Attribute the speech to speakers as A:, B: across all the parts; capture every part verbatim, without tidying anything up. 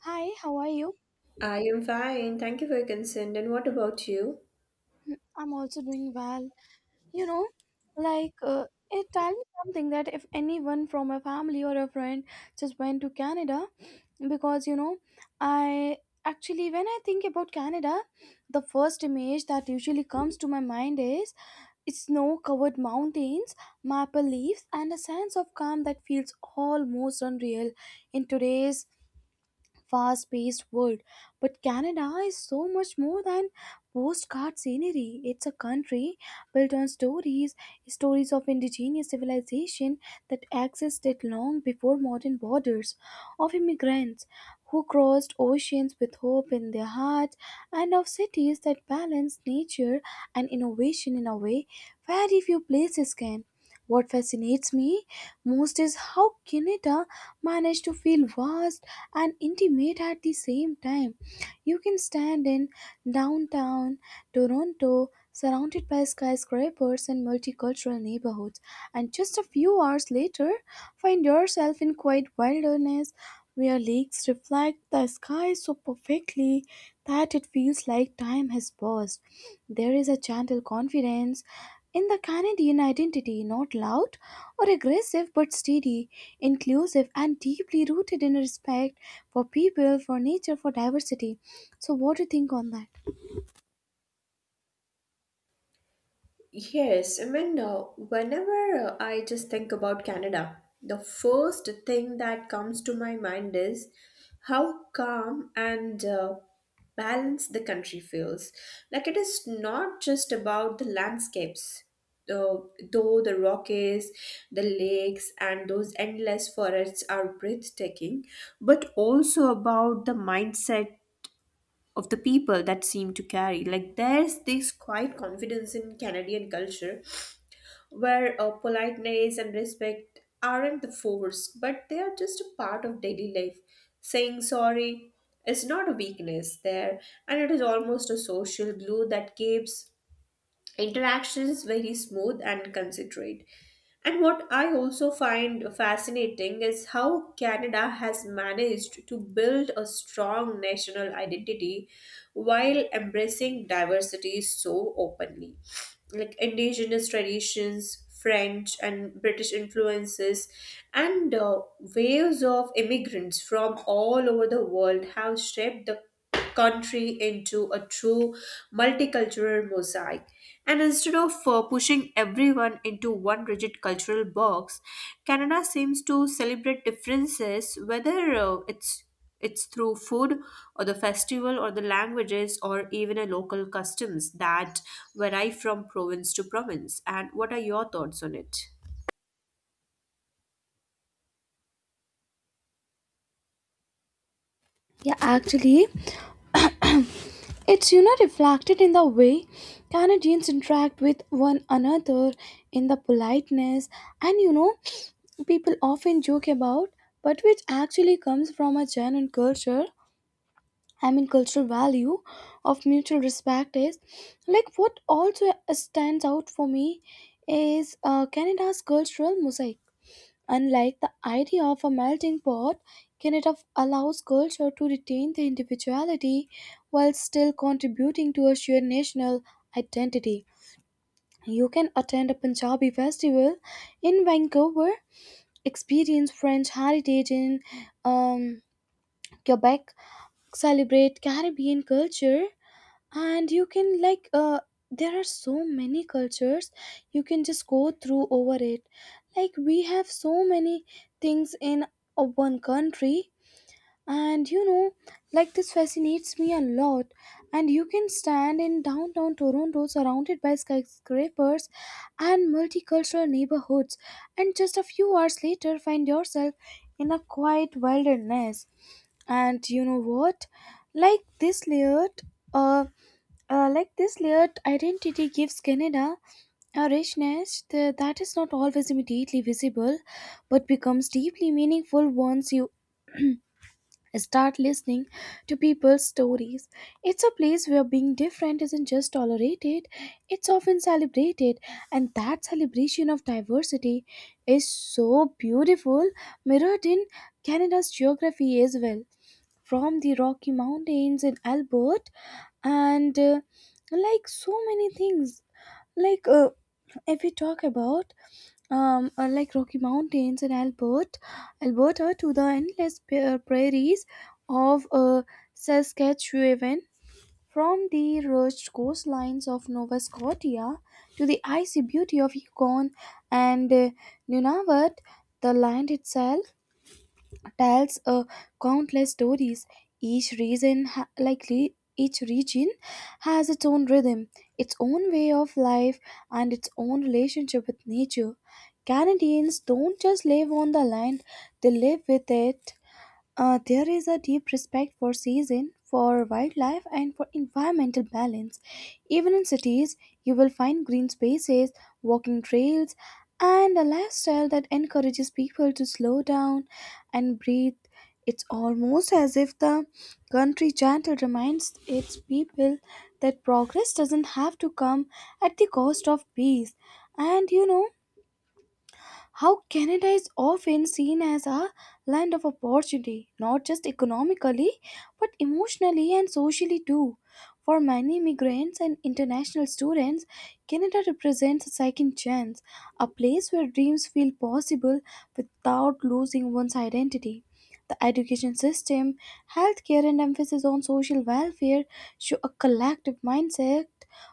A: Hi, how are you?
B: I am fine. Thank you for your consent. And what about you?
A: I'm also doing well. You know, like, uh, eh, Tell me something. That if anyone from a family or a friend just went to Canada, because you know, I actually, when I think about Canada, the first image that usually comes to my mind is snow covered mountains, maple leaves, and a sense of calm that feels almost unreal in today's fast paced world. But Canada is so much more than postcard scenery. It's a country built on stories, stories of indigenous civilization that existed long before modern borders, of immigrants who crossed oceans with hope in their hearts, and of cities that balance nature and innovation in a way very few places can. What fascinates me most is how Canada managed to feel vast and intimate at the same time. You can stand in downtown Toronto, surrounded by skyscrapers and multicultural neighborhoods, and just a few hours later, find yourself in quiet wilderness where lakes reflect the sky so perfectly that it feels like time has paused. There is a gentle confidence in the Canadian identity, not loud or aggressive but steady, inclusive, and deeply rooted in respect for people, for nature, for diversity. So, what do you think on that?
B: Yes, I mean, uh, whenever uh, I just think about Canada, the first thing that comes to my mind is how calm and uh, balanced the country feels. Like it is not just about the landscapes, uh, though the Rockies, the lakes, and those endless forests are breathtaking, but also about the mindset of the people that seem to carry. Like there's this quiet confidence in Canadian culture where uh, politeness and respect aren't the force, but they are just a part of daily life. Saying sorry is not a weakness there, and it is almost a social glue that keeps interactions very smooth and considerate. And what I also find fascinating is how Canada has managed to build a strong national identity while embracing diversity so openly, like indigenous traditions, French and British influences, and uh, waves of immigrants from all over the world have shaped the country into a true multicultural mosaic. And instead of uh, pushing everyone into one rigid cultural box, Canada seems to celebrate differences, whether uh, it's it's through food or the festival or the languages or even a local customs that vary from province to province. And what are your thoughts on it?
A: Yeah, actually, it's, you know, reflected in the way Canadians interact with one another, in the politeness, and, you know, people often joke about, but which actually comes from a genuine culture, I mean, cultural value of mutual respect. Is, like, what also stands out for me is uh, Canada's cultural mosaic. Unlike the idea of a melting pot, Canada f- allows culture to retain their individuality while still contributing to a shared national identity. You can attend a Punjabi festival in Vancouver, experience French heritage in um, Quebec, celebrate Caribbean culture, and you can, like, uh there are so many cultures you can just go through over it. Like, we have so many things in uh, one country, and, you know, like, this fascinates me a lot. And you can stand in downtown Toronto surrounded by skyscrapers and multicultural neighborhoods, and just a few hours later find yourself in a quiet wilderness. And you know what, like, this layered uh uh, like this layered identity gives Canada a richness th- that is not always immediately visible but becomes deeply meaningful once you start listening to people's stories. It's a place where being different isn't just tolerated, it's often celebrated, and that celebration of diversity is so beautiful, mirrored in Canada's geography as well. From the Rocky Mountains in Albert, and uh, like so many things, like uh, if we talk about um, uh, like Rocky Mountains in Albert, Alberta to the endless pa- prairies of uh, Saskatchewan, from the rugged coastlines of Nova Scotia to the icy beauty of Yukon and uh, Nunavut, the land itself tells uh, countless stories. Each region, ha- likely each region has its own rhythm, its own way of life, and its own relationship with nature. Canadians don't just live on the land; they live with it. Uh, there is a deep respect for season, for wildlife, and for environmental balance. Even in cities, you will find green spaces, walking trails, and a lifestyle that encourages people to slow down and breathe. It's almost as if the country gentle reminds its people that progress doesn't have to come at the cost of peace. And, you know, how Canada is often seen as a land of opportunity, not just economically, but emotionally and socially too. For many immigrants and international students, Canada represents a second chance, a place where dreams feel possible without losing one's identity. The education system, healthcare, and emphasis on social welfare show a collective mindset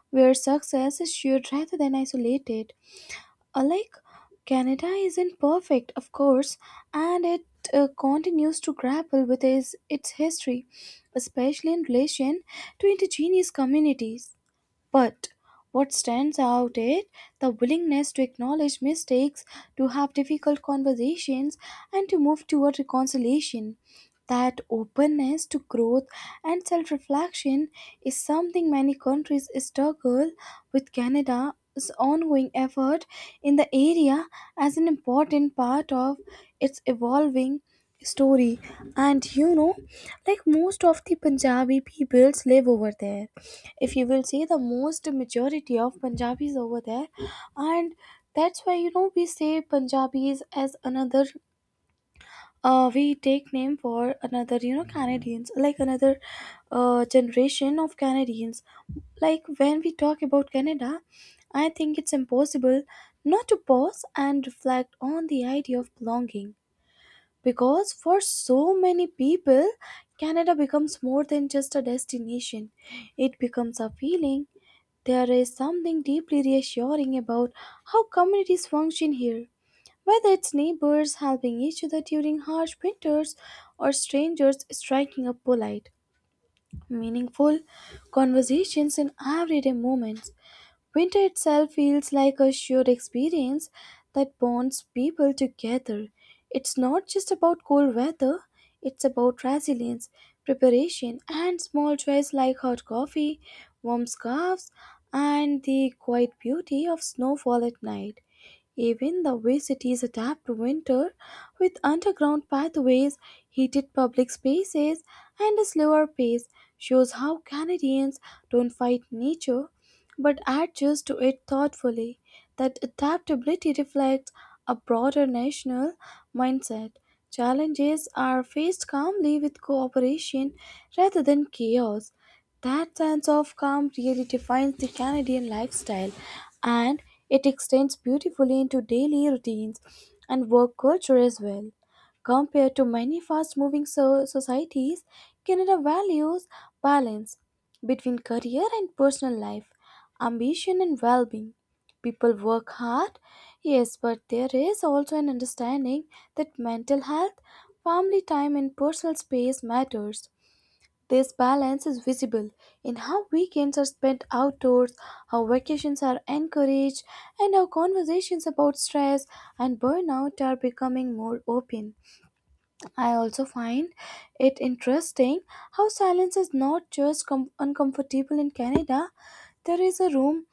A: where success is shared rather than isolated. Uh, like Canada isn't perfect, of course, and it uh, continues to grapple with its, its history, especially in relation to indigenous communities, but what stands out is the willingness to acknowledge mistakes, to have difficult conversations, and to move toward reconciliation. That openness to growth and self reflection is something many countries struggle with. Canada's ongoing effort in the area as an important part of its evolving story. And, you know, like, most of the Punjabi peoples live over there. If you will see, the most majority of Punjabis over there, and that's why, you know, we say Punjabis as another, uh, we take name for another, you know, Canadians, like another uh, generation of Canadians. Like, when we talk about Canada, I think it's impossible not to pause and reflect on the idea of belonging, because for so many people, Canada becomes more than just a destination, it becomes a feeling. There is something deeply reassuring about how communities function here. Whether it's neighbors helping each other during harsh winters or strangers striking up polite, meaningful conversations in everyday moments, winter itself feels like a shared experience that bonds people together. It's not just about cold weather, it's about resilience, preparation, and small joys like hot coffee, warm scarves, and the quiet beauty of snowfall at night. Even the way cities adapt to winter, with underground pathways, heated public spaces, and a slower pace, shows how Canadians don't fight nature but adjust to it thoughtfully. That adaptability reflects a broader national mindset. Challenges are faced calmly with cooperation rather than chaos. That sense of calm really defines the Canadian lifestyle, and it extends beautifully into daily routines and work culture as well. Compared to many fast moving so- societies, Canada values balance between career and personal life, ambition and well being. People work hard, yes, but there is also an understanding that mental health, family time, and personal space matters. This balance is visible in how weekends are spent outdoors, how vacations are encouraged, and how conversations about stress and burnout are becoming more open. I also find it interesting how silence is not just com- uncomfortable in Canada. There is a room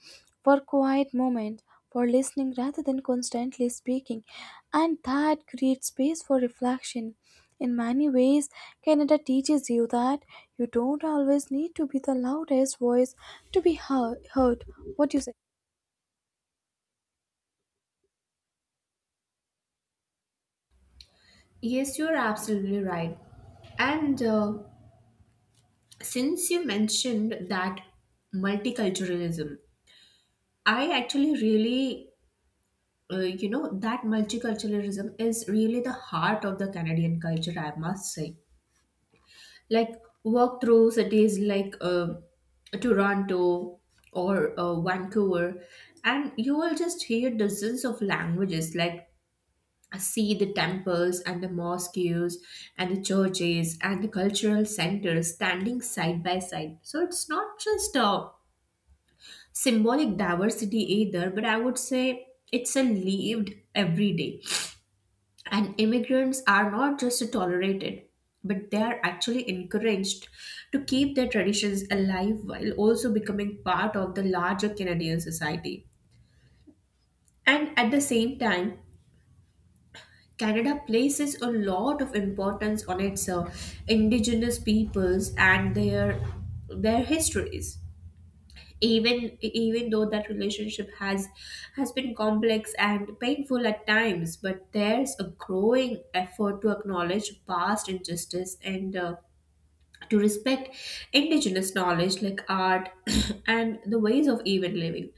A: for quiet moment, for listening rather than constantly speaking, and that creates space for reflection. In many ways, Canada teaches you that you don't always need to be the loudest voice to be hear- heard. What do you say?
B: Yes, you're absolutely right. And uh, that Muslim, I uh, Islam is really the Indian culture. Like walk through cities like uh, Toronto or uh, Vancouver, and you will just hear dozens of languages, like see the temples and the mosques and the churches and the cultural centers standing side by side. So it's not just a symbolic diversity either, but I would say it's a lived every day. And immigrants are not just tolerated, but they are actually encouraged to keep their traditions alive while also becoming part of the larger Canadian society. And at the same time, Canada places a lot of importance on its uh, indigenous peoples and their their histories. Even even though that relationship has has been complex and painful at times, but there's a growing effort to acknowledge past injustice and uh, to respect indigenous knowledge like art and the ways of even living,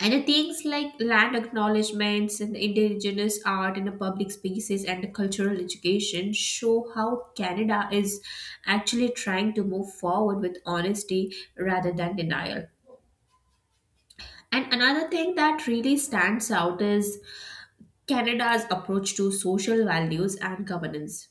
B: and the things like land acknowledgements and indigenous art in the public spaces and the cultural education show how Canada is actually trying to move forward with honesty rather than denial. And another thing that really stands out is Canada's approach to social values and governance.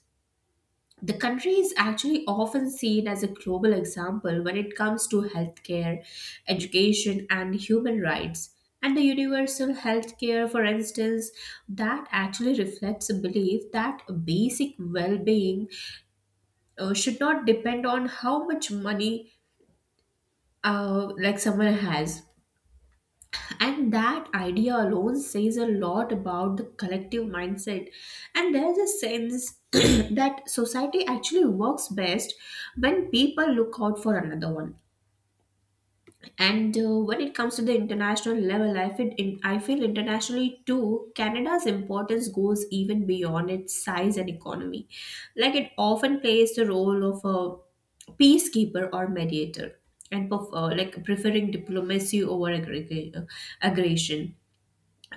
B: The country is actually often seen as a global example when it comes to healthcare, education, and human rights. And the universal healthcare, for instance, that actually reflects a belief that basic well being uh, should not depend on how much money uh, like someone has, and that idea alone says a lot about the collective mindset. And there's a sense that society actually works best when people look out for another one. And uh, when it comes to the international level, i feel in, I feel internationally too, Canada's importance goes even beyond its size and economy. Like it often plays the role of a peacekeeper or mediator, and perf- uh, like preferring diplomacy over aggreg- aggression,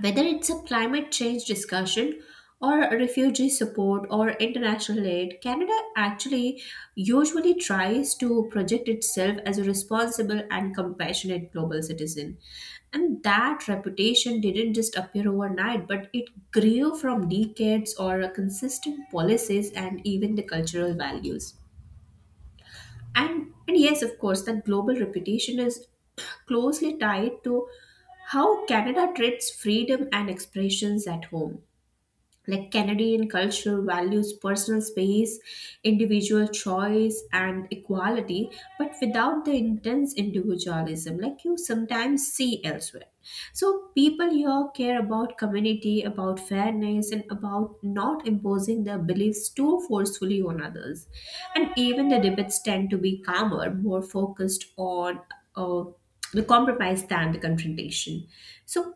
B: whether it's a climate change discussion or refugee support or international aid, Canada actually usually tries to project itself as a responsible and compassionate global citizen. And that reputation didn't just appear overnight, but it grew from decades or consistent policies and even the cultural values. And and yes, of course, that global reputation is closely tied to how Canada treats freedom and expressions at home. Like Canadian culture values personal space, individual choice, and equality, but without the intense individualism like you sometimes see elsewhere. So, people here care about community, about fairness, and about not imposing their beliefs too forcefully on others. And even the debates tend to be calmer, more focused on uh, the compromise than the confrontation. So,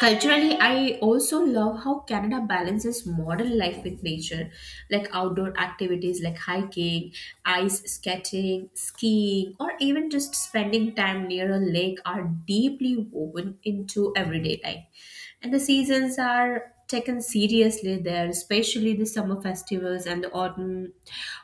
B: culturally, I also love how Canada balances modern life with nature, like outdoor activities like hiking, ice skating, skiing, or even just spending time near a lake are deeply woven into everyday life. And the seasons are taken seriously there, especially the summer festivals and the autumn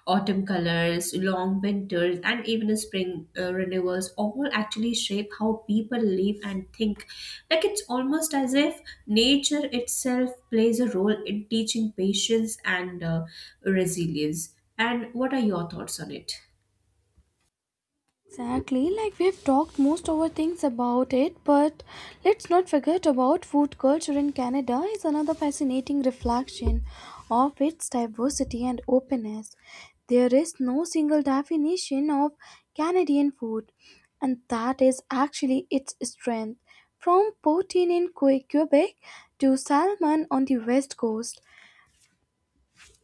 B: autumn colors, long winters, and even the spring uh, renewals all actually shape how people live and think. Like it's almost as if nature itself plays a role in teaching patience and uh, resilience. And what are your thoughts on it?
A: Exactly, like, we've talked most of our things about it, but let's not forget about food culture in Canada is another fascinating reflection of its diversity and openness. There is no single definition of Canadian food, and that is actually its strength. From poutine in Que- Quebec to salmon on the west coast,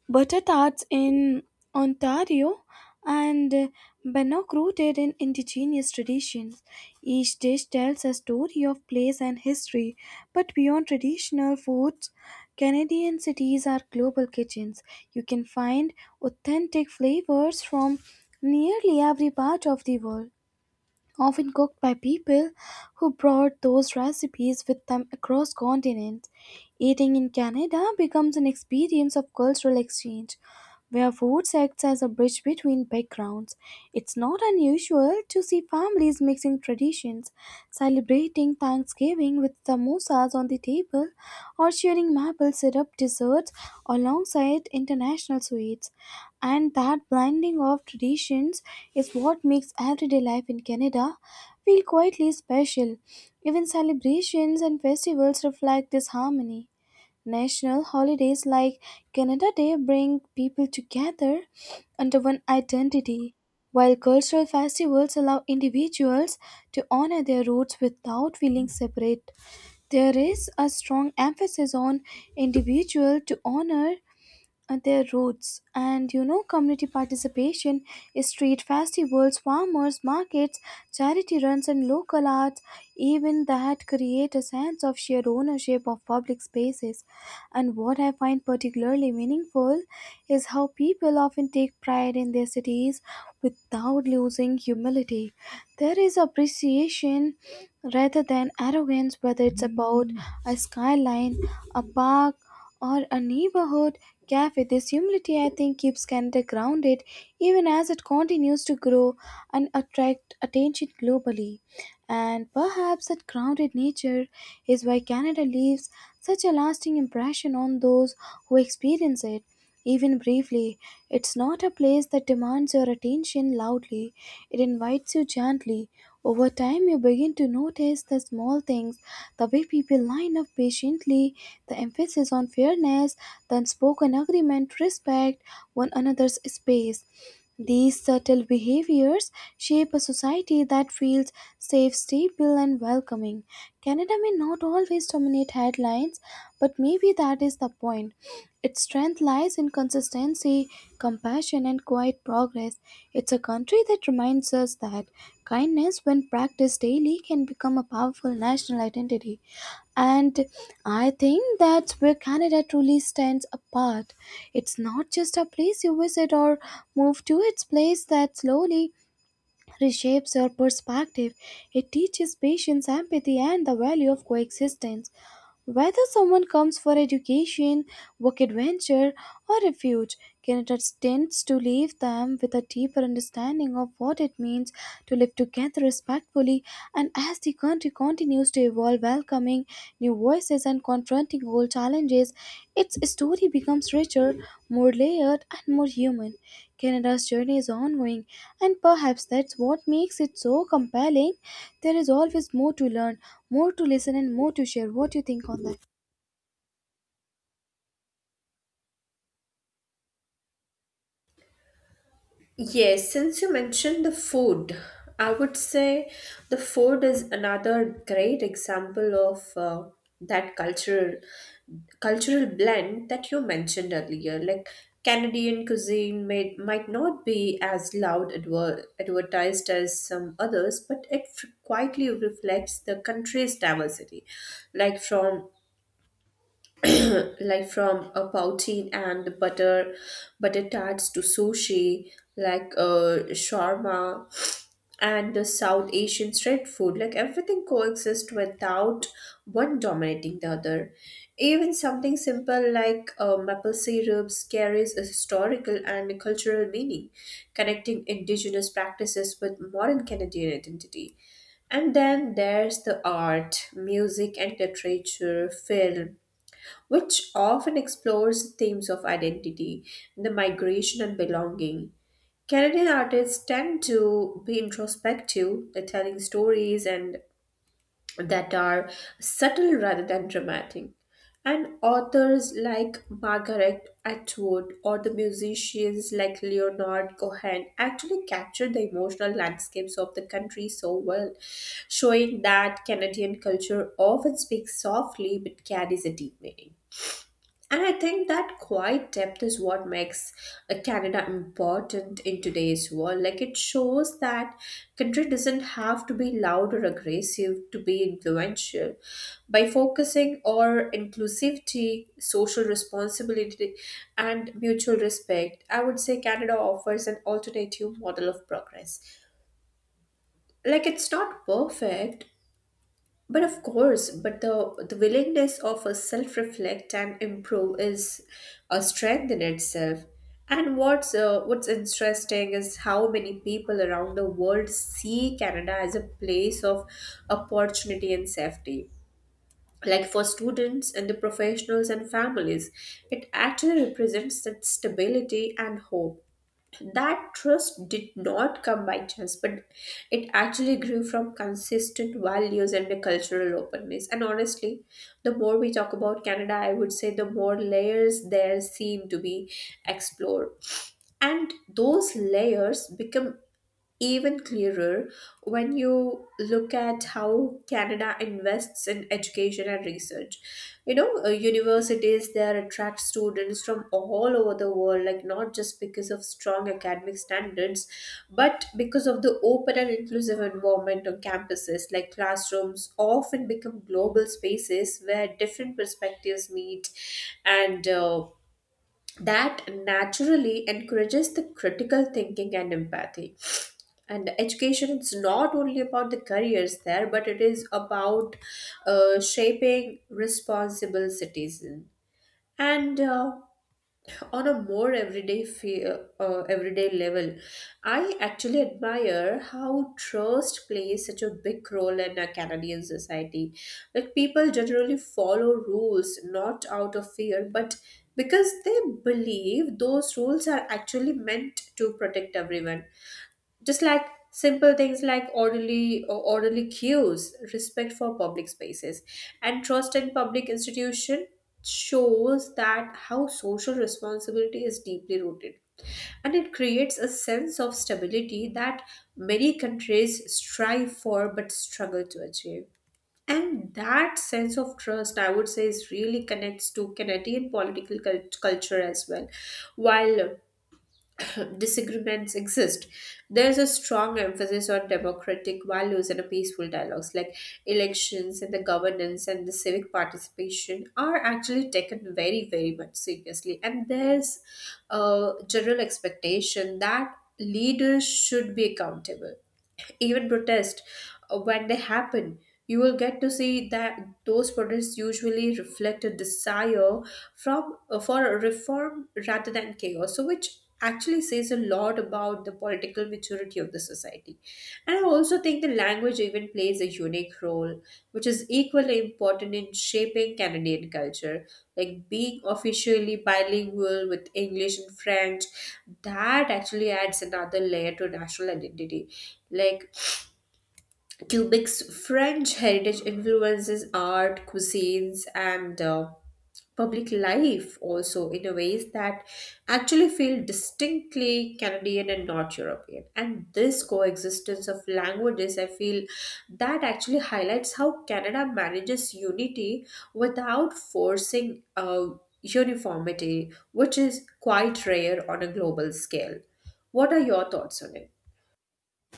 A: butter tarts in Ontario and uh, Bannock rooted in indigenous traditions. Each dish tells a story of place and history, but beyond traditional foods, Canadian cities are global kitchens. You can find authentic flavors from nearly every part of the world, often cooked by people who brought those recipes with them across continents. Eating in Canada becomes an experience of cultural exchange, where food acts as a bridge between backgrounds. It's not unusual to see families mixing traditions, celebrating Thanksgiving with samosas on the table, or sharing maple syrup desserts alongside international sweets. And that blending of traditions is what makes everyday life in Canada feel quietly special. Even celebrations and festivals reflect this harmony. National holidays like Canada Day bring people together under one identity, while cultural festivals allow individuals to honor their roots without feeling separate. There is a strong emphasis on individual to honor uh, their roots. And, you know, community participation, street festivals, farmers markets, charity runs, and local arts, even that create a sense of shared ownership of public spaces. And what I find particularly meaningful is how people often take pride in their cities without losing humility. There is appreciation rather than arrogance, whether it's about a skyline, a park, or a neighborhood cafe. This humility, I think, keeps Canada grounded even as it continues to grow and attract attention globally. And perhaps that grounded nature is why Canada leaves such a lasting impression on those who experience it. Even briefly, it's not a place that demands your attention loudly. It invites you gently. Over time, you begin to notice the small things, the way people line up patiently, the emphasis on fairness, the unspoken agreement, respect one another's space. These subtle behaviors shape a society that feels safe, stable, and welcoming. Canada may not always dominate headlines, but maybe that is the point. Its strength lies in consistency, compassion, and quiet progress. It's a country that reminds us that kindness, when practiced daily, can become a powerful national identity. And I think that's where Canada truly stands apart. It's not just a place you visit or move to, it's place that slowly reshapes your perspective. It teaches patience, empathy, and the value of coexistence. Whether someone comes for education, work adventure, or refuge, Canada tends to leave them with a deeper understanding of what it means to live together respectfully. And as the country continues to evolve, welcoming new voices and confronting old challenges, its story becomes richer, more layered, and more human. Canada's journey is ongoing, and perhaps that's what makes it so compelling. There is always more to learn, more to listen, and more to share. What do you think on that?
B: Yes, since you mentioned the food, I would say the food is another great example of uh, that cultural cultural blend that you mentioned earlier. Like Canadian cuisine may, might not be as loud adver- advertised as some others, but it f- quietly reflects the country's diversity. Like from like from a poutine and butter butter tarts to sushi, like uh shawarma and the south asian street food, like everything coexists without one dominating the other. Even something simple like uh, maple syrups carries a historical and cultural meaning, connecting indigenous practices with modern Canadian identity. And then there's the art, music and literature, film, which often explores themes of identity, the migration, and belonging. Canadian artists tend to be introspective, they're telling stories and that are subtle rather than dramatic. And authors like Margaret Atwood or the musicians like Leonard Cohen actually capture the emotional landscapes of the country so well, showing that Canadian culture often speaks softly but carries a deep meaning. And I think that quiet depth is what makes uh, Canada important in today's world. Like it shows that country doesn't have to be loud or aggressive to be influential. By focusing on inclusivity, social responsibility, and mutual respect, I would say Canada offers an alternative model of progress. Like it's not perfect, but of course, but the, the willingness of a self reflect and improve is a strength in itself. And what's uh, what's interesting is how many people around the world see Canada as a place of opportunity and safety. Like for students and the professionals and families, it actually represents that stability and hope. That trust did not come by chance, but it actually grew from consistent values and a cultural openness. And honestly, the more we talk about Canada, I would say the more layers there seem to be explored. And those layers become even clearer when you look at how Canada invests in education and research. You know, uh, universities there attract students from all over the world, like not just because of strong academic standards, but because of the open and inclusive environment on campuses. Like classrooms often become global spaces where different perspectives meet, and uh, that naturally encourages the critical thinking and empathy. And education is not only about the careers there, but it is about uh, shaping responsible citizen. And uh, on a more everyday fe- uh, uh, everyday level, I actually admire how trust plays such a big role in our Canadian society. Like people generally follow rules not out of fear, but because they believe those rules are actually meant to protect everyone. Just like simple things like orderly or orderly queues, respect for public spaces, and trust in public institution shows that how social responsibility is deeply rooted, and it creates a sense of stability that many countries strive for but struggle to achieve. And that sense of trust, I would say, is really connects to Canadian political cult- culture as well. While disagreements exist, there's a strong emphasis on democratic values and a peaceful dialogues, like elections and the governance and the civic participation are actually taken very, very much seriously. And there's a general expectation that leaders should be accountable, even protest uh, when they happen. You will get to see that those protests usually reflect a desire from uh, for reform rather than chaos. So, which actually says a lot about the political maturity of the society. And I also think the language even plays a unique role, which is equally important in shaping Canadian culture. Like being officially bilingual with English and French, that actually adds another layer to national identity. Like Quebec's French heritage influences art, cuisines, and uh, public life also in a ways that actually feel distinctly Canadian and not European. And this coexistence of languages, I feel that actually highlights how Canada manages unity without forcing uh, uniformity, which is quite rare on a global scale. What are your thoughts on it?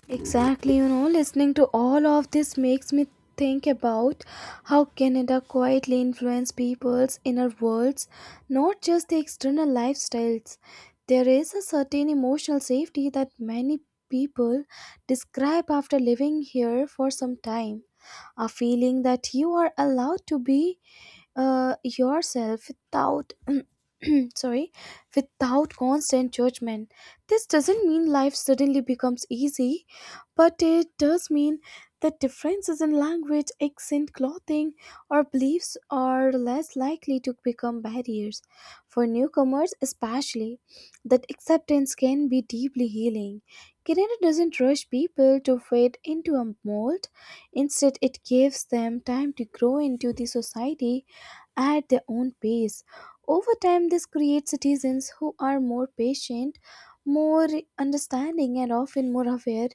A: Exactly, you know, listening to all of this makes me think about how Canada quietly influences people's inner worlds, not just the external lifestyles. There is a certain emotional safety that many people describe after living here for some time, a feeling that you are allowed to be uh, yourself without sorry without constant judgment. This doesn't mean life suddenly becomes easy, but it does mean that differences in language, accent, clothing, or beliefs are less likely to become barriers. For newcomers, especially, that acceptance can be deeply healing. Canada doesn't rush people to fit into a mold, instead, it gives them time to grow into the society at their own pace. Over time, this creates citizens who are more patient, more understanding, and often more aware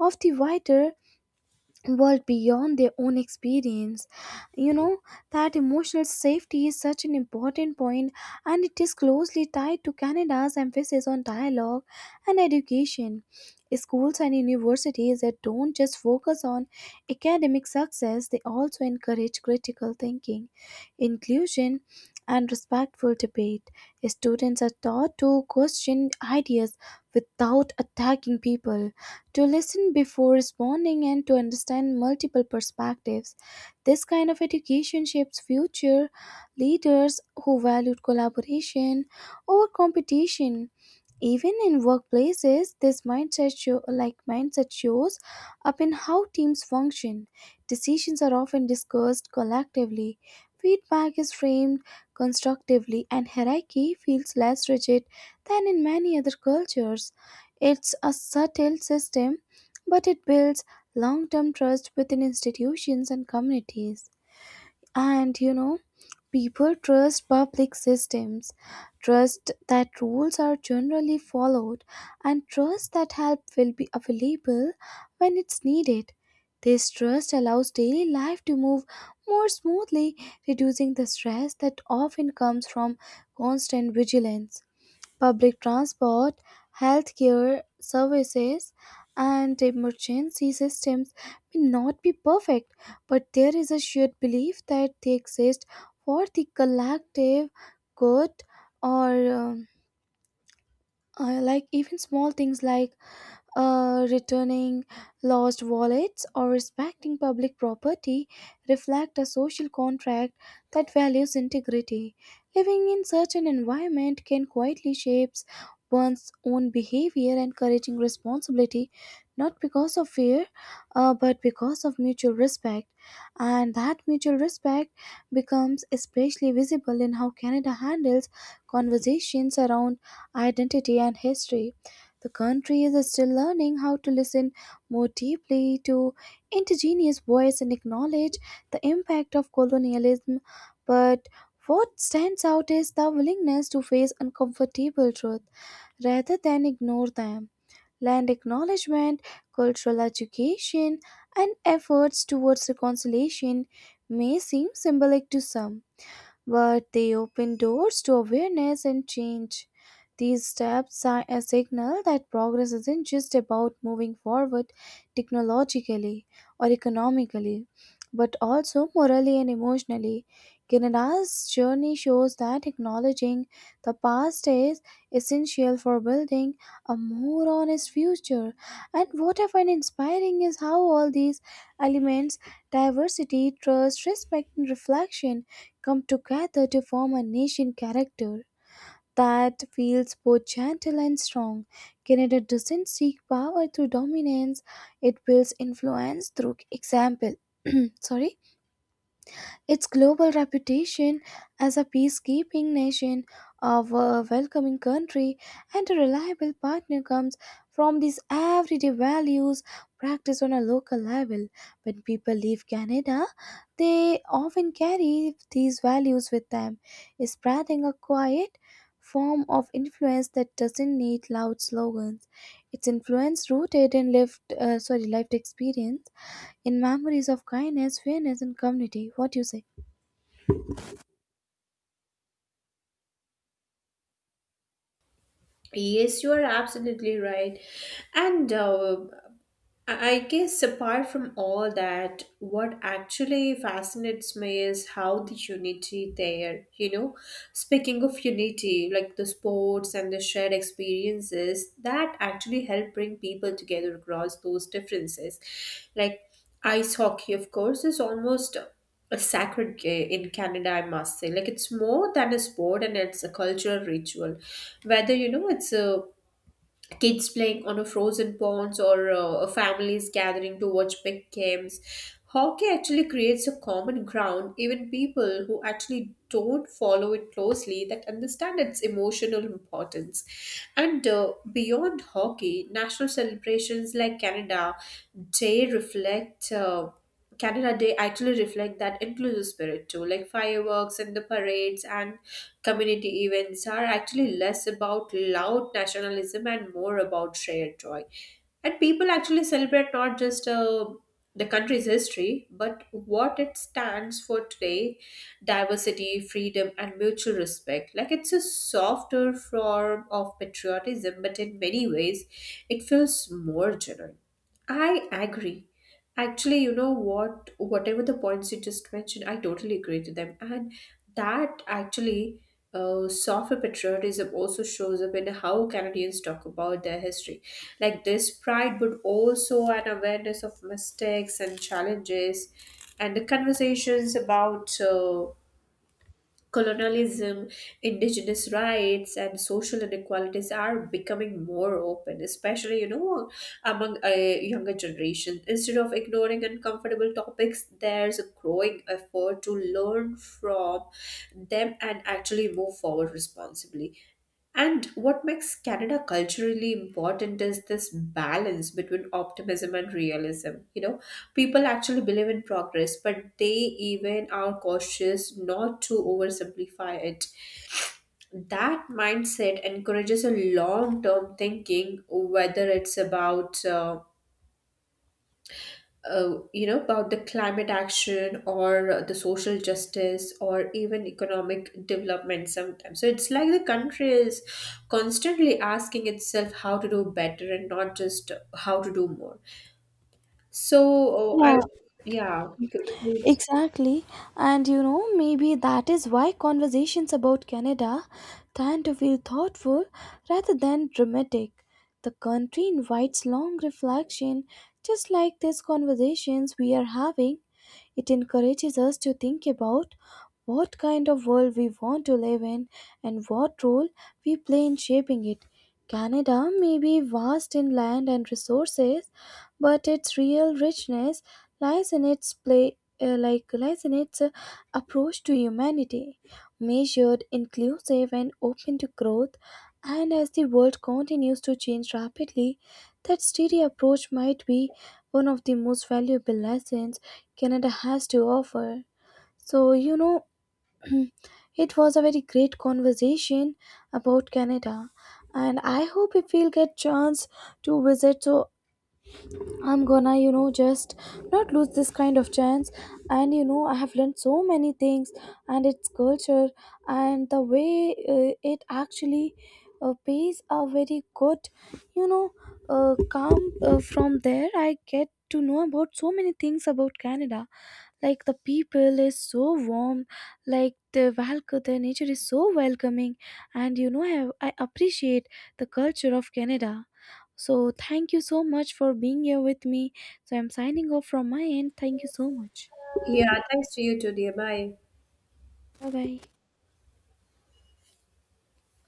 A: of the wider world beyond their own experience. You know, that emotional safety is such an important point, and it is closely tied to Canada's emphasis on dialogue and education. Schools and universities that don't just focus on academic success, they also encourage critical thinking, inclusion, and respectful debate. Students are taught to question ideas without attacking people, to listen before responding, and to understand multiple perspectives. This kind of education shapes future leaders who value collaboration over competition. Even in workplaces, this mindset show, like mindset shows up in how teams function. Decisions are often discussed collectively. Feedback is framed constructively, and hierarchy feels less rigid than in many other cultures. It's a subtle system, but it builds long-term trust within institutions and communities. And you know, people trust public systems, trust that rules are generally followed, and trust that help will be available when it's needed. This trust allows daily life to move more smoothly, reducing the stress that often comes from constant vigilance. Public transport, healthcare services, and emergency systems may not be perfect, but there is a shared belief that they exist for the collective good. Or um, uh, like even small things like uh, returning lost wallets or respecting public property reflect a social contract that values integrity. Living in such an environment can quietly shape one's own behavior, encouraging responsibility not because of fear, uh, but because of mutual respect. And that mutual respect becomes especially visible in how Canada handles conversations around identity, and history. The country is still learning how to listen more deeply to indigenous voice and acknowledge the impact of colonialism. But what stands out is the willingness to face uncomfortable truth rather than ignore them. Land acknowledgement, cultural education, and efforts towards reconciliation may seem symbolic to some, but they open doors to awareness and change. These steps are a signal that progress isn't just about moving forward technologically or economically, but also morally and emotionally. Canada's journey shows that acknowledging the past is essential for building a more honest future. And what I find inspiring is how all these elements, diversity, trust, respect, and reflection, come together to form a nation character that feels both gentle and strong. Canada doesn't seek power through dominance, it builds influence through example. Sorry? Its global reputation as a peacekeeping nation, a w- welcoming country, and a reliable partner comes from these everyday values practiced on a local level. When people leave Canada, they often carry these values with them, spreading a quiet form of influence that doesn't need loud slogans. Its influence rooted in lived, uh, sorry, lived experience, in memories of kindness, fairness, and community. What do you say?
B: Yes, you are absolutely right. And uh, I I guess apart from all that, what actually fascinates me is how the unity there, you know, speaking of unity, like the sports and the shared experiences that actually help bring people together across those differences. Like ice hockey, of course, is almost a sacred game in Canada, I must say. Like it's more than a sport and it's a cultural ritual. Whether, you know, it's a kids playing on a frozen ponds or uh, families gathering to watch big games, hockey actually creates a common ground. Even people who actually don't follow it closely that understand its emotional importance. And uh, beyond hockey, national celebrations like canada day reflect uh, Canada Day actually reflect that inclusive spirit too, like fireworks and the parades and community events are actually less about loud nationalism and more about shared joy. And people actually celebrate not just uh, the country's history, but what it stands for today: diversity, freedom, and mutual respect. Like it's a softer form of patriotism, but in many ways, it feels more genuine. I agree. Actually, you know what? Whatever the points you just mentioned, I totally agree to them. And that actually uh, softer patriotism also shows up in how Canadians talk about their history. Like this pride, but also an awareness of mistakes and challenges, and the conversations about uh, colonialism, indigenous rights, and social inequalities are becoming more open, especially you know among a younger generation. Instead of ignoring uncomfortable topics, there's a growing effort to learn from them and actually move forward responsibly. And what makes Canada culturally important is this balance between optimism and realism. You know, people actually believe in progress, but they even are cautious not to oversimplify it. That mindset encourages a long term thinking, whether it's about uh, uh, you know, about the climate action or the social justice or even economic development sometimes. So it's like the country is constantly asking itself how to do better and not just how to do more. So, oh, I
A: Yeah,
B: yeah, could you please?
A: exactly. And you know, maybe that is why conversations about Canada tend to feel thoughtful rather than dramatic. The country invites long reflection, just like these conversations we are having. It encourages us to think about what kind of world we want to live in and what role we play in shaping it. Canada may be vast in land and resources, but its real richness lies in its play, uh, like lies in its uh, approach to humanity, measured, inclusive, and open to growth. And as the world continues to change rapidly, that steady approach might be one of the most valuable lessons Canada has to offer. So, you know, Mm. It was a very great conversation about Canada, and I hope if we'll get chance to visit, so I'm gonna, you know, just not lose this kind of chance. And you know, I have learned so many things, and its culture, and the way uh, it actually uh, pays a very good, you know, uh, come uh, from there I get to know about so many things about Canada. Like the people is so warm, like the welcome, the nature is so welcoming. And you know, I, have, I appreciate the culture of Canada. So thank you so much for being here with me, so I'm signing off from my end. Thank you so much.
B: Yeah, thanks to you too, dear. Bye.
A: Bye bye.